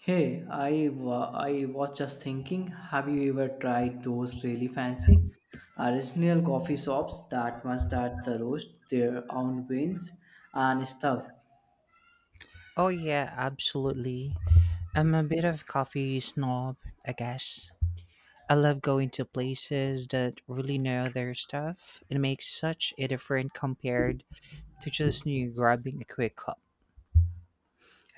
Hey, I was just thinking, have you ever tried those really fancy artisanal coffee shops, that ones that the roast their own beans and stuff? Oh yeah, absolutely. I'm a bit of coffee snob, I guess. I love going to places that really know their stuff. It makes such a difference compared to just you grabbing a quick cup.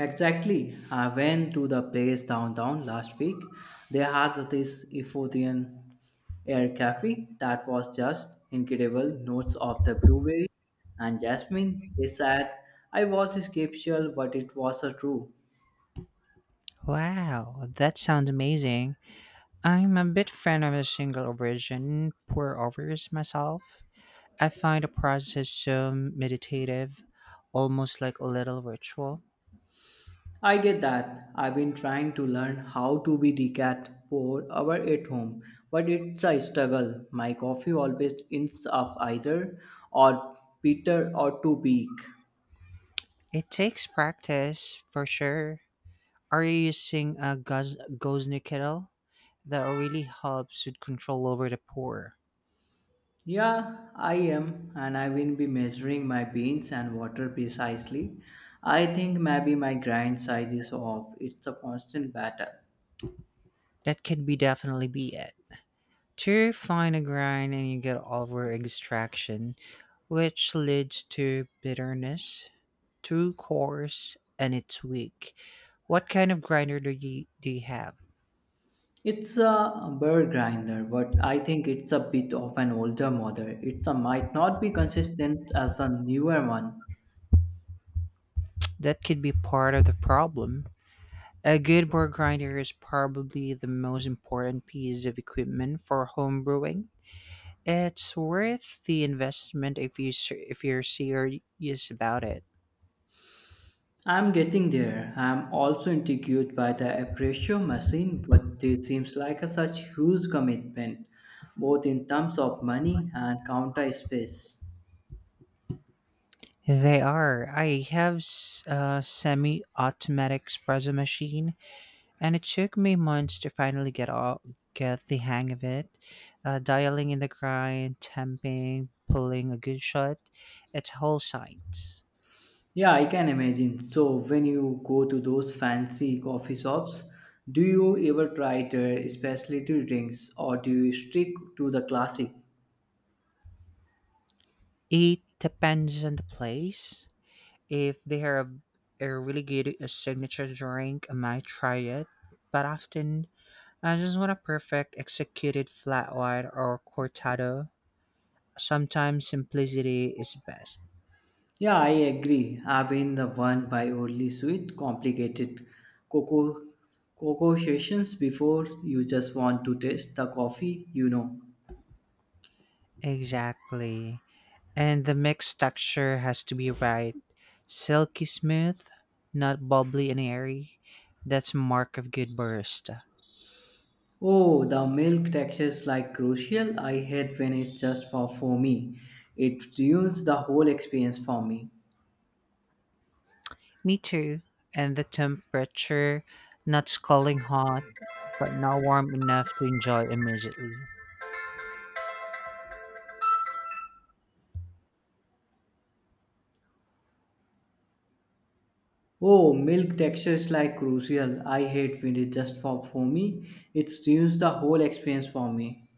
Exactly. I went to the place downtown last week. They had this Ethiopian air cafe that was just incredible. Notes of the blueberry and jasmine. They said I was skeptical, but it was a true. Wow, that sounds amazing. I'm a bit fan of a single origin pour overs myself. I find the process so meditative, almost like a little ritual. I get that. I've been trying to learn how to be decat for our at home, but it's a struggle. My coffee always ends up either or bitter or too weak. It takes practice for sure. Are you using a Gosni kettle? That really helps with control over the pour. Yeah, I am, and I will be measuring my beans and water precisely. I think maybe my grind size is off. It's a constant battle. That could be definitely be it. Too fine a grind and you get over extraction, which leads to bitterness. Too coarse and it's weak. What kind of grinder do you have? It's a burr grinder, but I think it's a bit of an older model. It might not be consistent as a newer one. That could be part of the problem. A good board grinder is probably the most important piece of equipment for home brewing. It's worth the investment if you're serious about it. I'm getting there. I'm also intrigued by the aprecio machine, but this seems like a such huge commitment, both in terms of money and counter space. They are. I have a semi-automatic espresso machine, and it took me months to finally get all get the hang of it. Dialing in the grind, temping, pulling a good shot. It's a whole science. Yeah, I can imagine. So when you go to those fancy coffee shops, do you ever try their specialty drinks or do you stick to the classic? It depends on the place. If they are a really good a signature drink, I might try it. But often I just want a perfect executed flat white or cortado. Sometimes simplicity is best. Yeah, I agree. I've been the one by only sweet, complicated cocoa cocoa sessions before you just want to taste the coffee, you know. Exactly. And the mixed texture has to be right. Silky smooth, not bubbly and airy. That's mark of good barista. Oh, the milk textures like crucial. I hate when it's just for me. It ruins the whole experience for me. Me too. And the temperature, not scalding hot, but not warm enough to enjoy immediately. Oh, milk textures like crucial. I hate when it's just for me. It ruins the whole experience for me.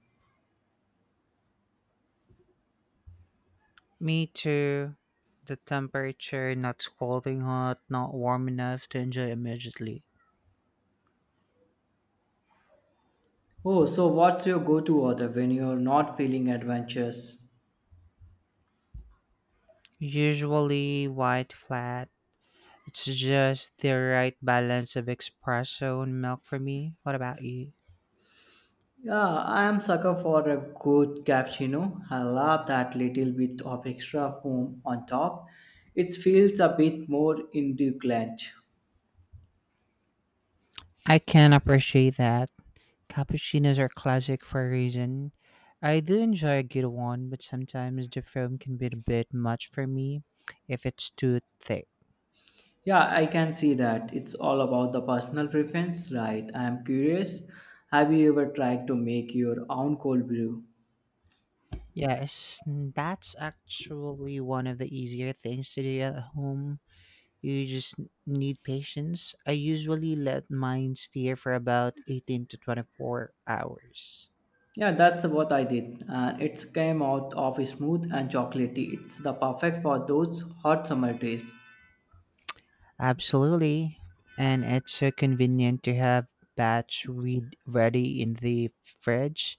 Me too. The temperature not scalding hot, not warm enough to enjoy immediately. Oh, so what's your go-to order when you're not feeling adventurous? Usually white flat. It's just the right balance of espresso and milk for me. What about you? Yeah, I am sucker for a good cappuccino. I love that little bit of extra foam on top. It feels a bit more indulgent. I can appreciate that. Cappuccinos are classic for a reason. I do enjoy a good one, but sometimes the foam can be a bit much for me if it's too thick. Yeah, I can see that. It's all about the personal preference, right? I am curious. Have you ever tried to make your own cold brew? Yes, that's actually one of the easier things to do at home. You just need patience. I usually let mine steer for about 18 to 24 hours. Yeah, that's what I did, and it came out of smooth and chocolatey. It's the perfect for those hot summer days. Absolutely. And it's so convenient to have batch read ready in the fridge.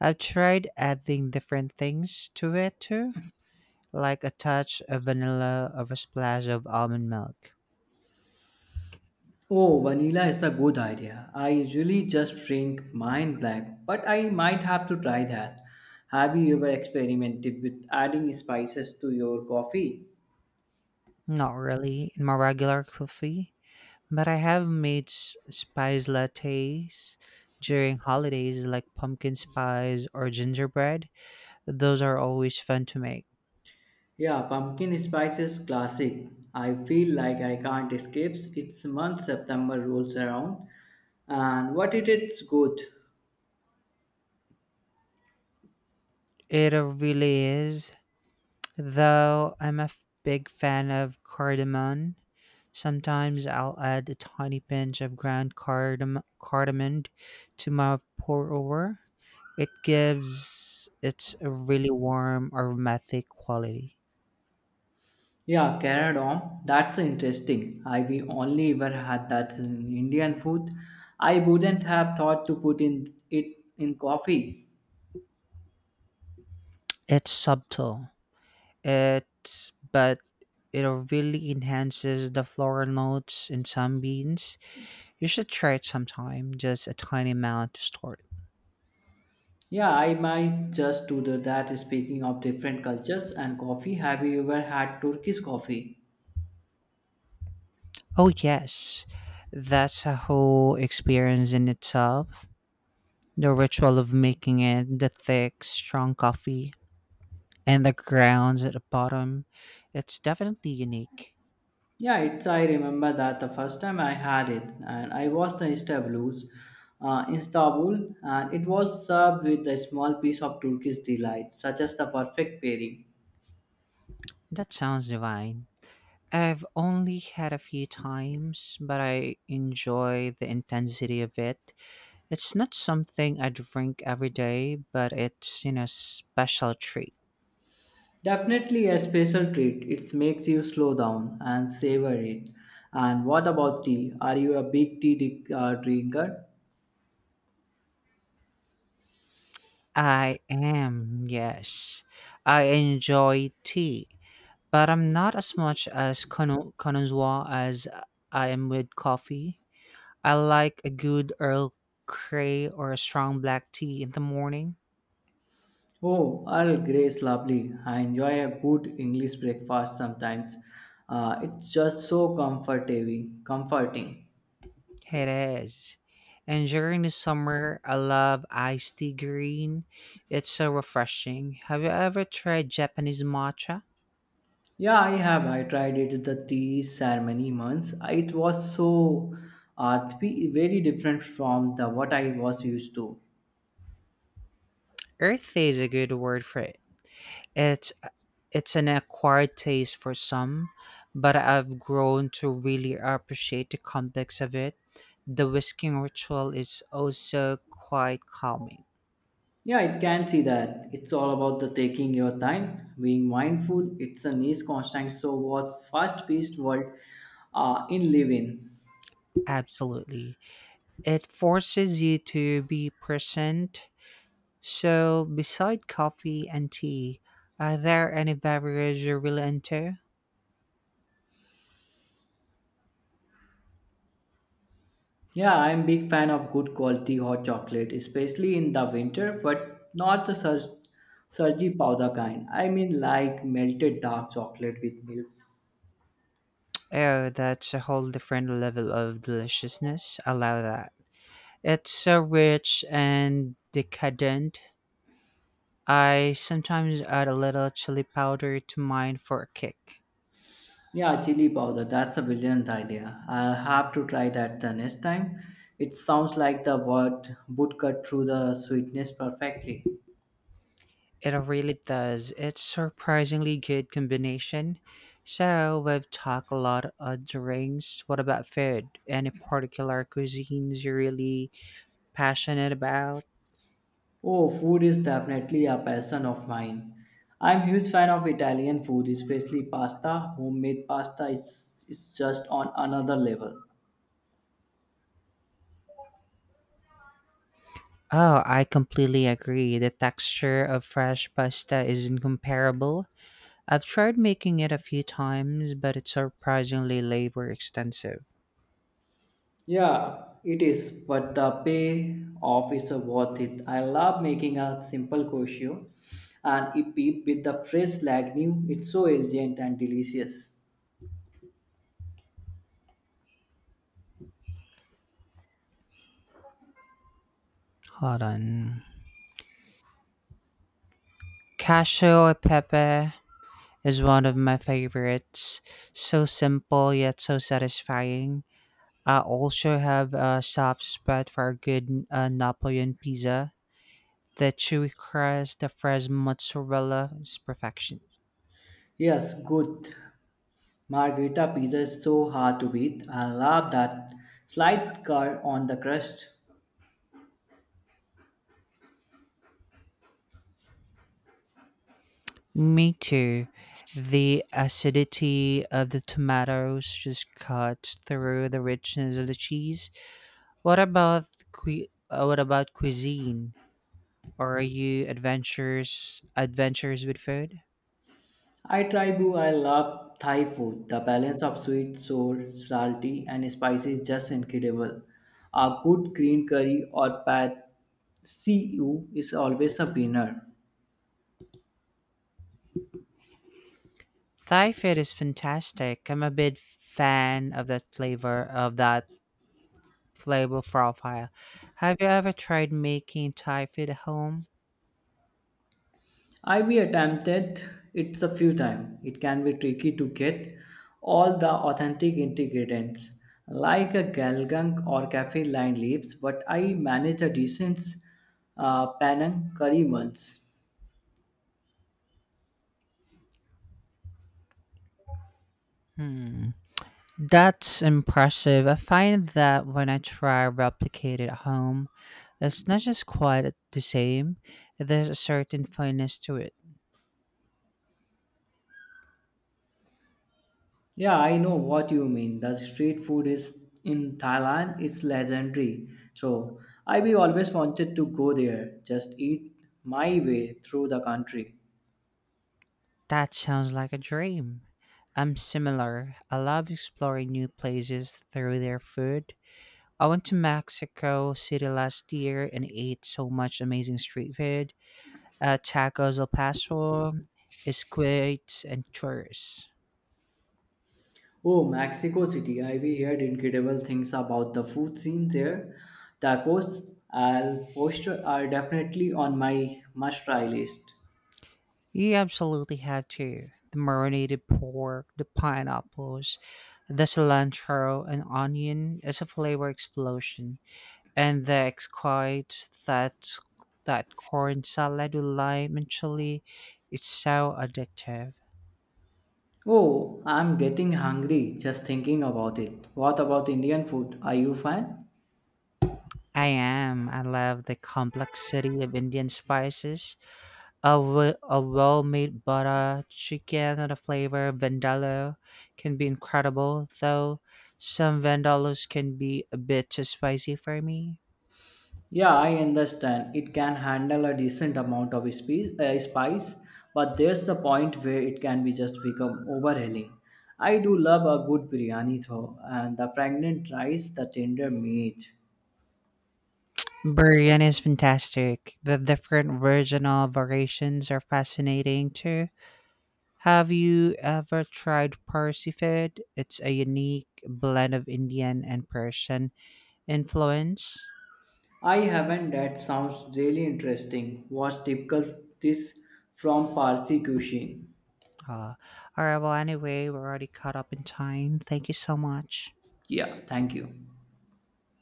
I've tried adding different things to it too, like a touch of vanilla or a splash of almond milk. Oh, vanilla is a good idea. I usually just drink mine black, but I might have to try that. Have you ever experimented with adding spices to your coffee? Not really in my regular coffee, but I have made spice lattes during holidays like pumpkin spice or gingerbread. Those are always fun to make. Yeah, pumpkin spice is classic. I feel like I can't escape its month September rolls around. And what it is good. It really is. Though I'm big fan of cardamom. Sometimes I'll add a tiny pinch of ground cardamom to my pour over. It gives it's a really warm aromatic quality. Yeah, caradom. That's interesting. I we only ever had that in Indian food. I wouldn't have thought to put in it in coffee. It's subtle it but it really enhances the floral notes in some beans. You should try it sometime, just a tiny amount to start. Yeah, I might just do that. Speaking of different cultures and coffee, have you ever had Turkish coffee? Oh yes, that's a whole experience in itself. The ritual of making it, the thick, strong coffee, and the grounds at the bottom. It's definitely unique. Yeah, it's. I remember that the first time I had it, and I was in Istanbul, and it was served with a small piece of Turkish delight, such as the perfect pairing. That sounds divine. I've only had a few times, but I enjoy the intensity of it. It's not something I drink every day, but it's, you know, special treat. Definitely a special treat. It makes you slow down and savor it. And what about tea? Are you a big drinker? I am, yes. I enjoy tea, but I'm not as much as Konnichiwa as I am with coffee. I like a good Earl Grey or a strong black tea in the morning. Oh, Earl Grey's lovely. I enjoy a good English breakfast sometimes. It's just so Comforting. It is. And during the summer, I love iced tea green. It's so refreshing. Have you ever tried Japanese matcha? Yeah, I have. I tried it at the tea ceremony once. It was so earthy, very different from the what I was used to. Earthy is a good word for it. It's it's an acquired taste for some, but I've grown to really appreciate the complex of it. The whisking ritual is also quite calming. Yeah, it can see that. It's all about the taking your time, being mindful. It's a nice constant. So what fast-paced world in living. Absolutely. It forces you to be present. So, beside coffee and tea, are there any beverages you really enter? Yeah, I'm big fan of good quality hot chocolate, especially in the winter, but not the surgy powder kind. I mean, like melted dark chocolate with milk. Oh, that's a whole different level of deliciousness. Allow that. It's so rich and decadent. I sometimes add a little chili powder to mine for a kick. Yeah, chili powder. That's a brilliant idea. I'll have to try that the next time. It sounds like the word would cut through the sweetness perfectly. It really does. It's surprisingly good combination. So we've talked a lot of drinks. What about food? Any particular cuisines you're really passionate about? Oh, food is definitely a passion of mine. I'm huge fan of Italian food, especially pasta. Homemade pasta is just on another level. Oh, I completely agree. The texture of fresh pasta is incomparable. I've tried making it a few times, but it's surprisingly labor extensive. Yeah, it is, but the payoff is worth it. I love making a simple kosher and with the fresh lag new. It's so elegant and delicious. Hold on. Cashew e pepe is one of my favorites. So simple yet so satisfying. I also have a soft spot for a good Napoleon pizza. The chewy crust, the fresh mozzarella is perfection. Yes, good. Margherita pizza is so hard to beat. I love that slight curd on the crust. Me too. The acidity of the tomatoes just cuts through the richness of the cheese. What about what about cuisine? Are you adventures with food? I try to. I love Thai food. The balance of sweet, sour, salty, and spicy is just incredible. A good green curry or pad see ew is always a winner. Thai food is fantastic. I'm a big fan of that flavor profile. Have you ever tried making Thai food at home? I we attempted it's a few times. It can be tricky to get all the authentic ingredients like a galgang or cafe line leaves, but I managed a decent panang curry once. Hmm. That's impressive. I find that when I try replicate it at home, it's not just quite the same. There's a certain fineness to it. Yeah, I know what you mean. The street food is in Thailand, it's legendary. So I we always wanted to go there, just eat my way through the country. That sounds like a dream. I'm similar. I love exploring new places through their food. I went to Mexico City last year and ate so much amazing street food, tacos al pastor, squids, and churros. Oh, Mexico City. I we heard incredible things about the food scene there. Tacos al pastor are definitely on my must-try list. You absolutely have to. The marinated pork, the pineapples, the cilantro, and onion is a flavor explosion. And the exquite that corn salad with lime and chili, it's so addictive. Oh, I'm getting hungry just thinking about it. What about Indian food? Are you fan? I am. I love the complexity of Indian spices. A well-made butter chicken and the flavor of vindaloo can be incredible, though some vandalos can be a bit too spicy for me. Yeah, I understand. It can handle a decent amount of spice, but there's the point where it can be just become overhauling. I do love a good biryani though, and the fragrant rice, the tender meat. Biryani is fantastic. The different regional variations are fascinating too. Have you ever tried Parsi food? It's a unique blend of Indian and Persian influence. I haven't. That sounds really interesting. What's typical this from Parsi cuisine? Uh, all right, well, anyway, we're already caught up in time. Thank you so much. Yeah, thank you.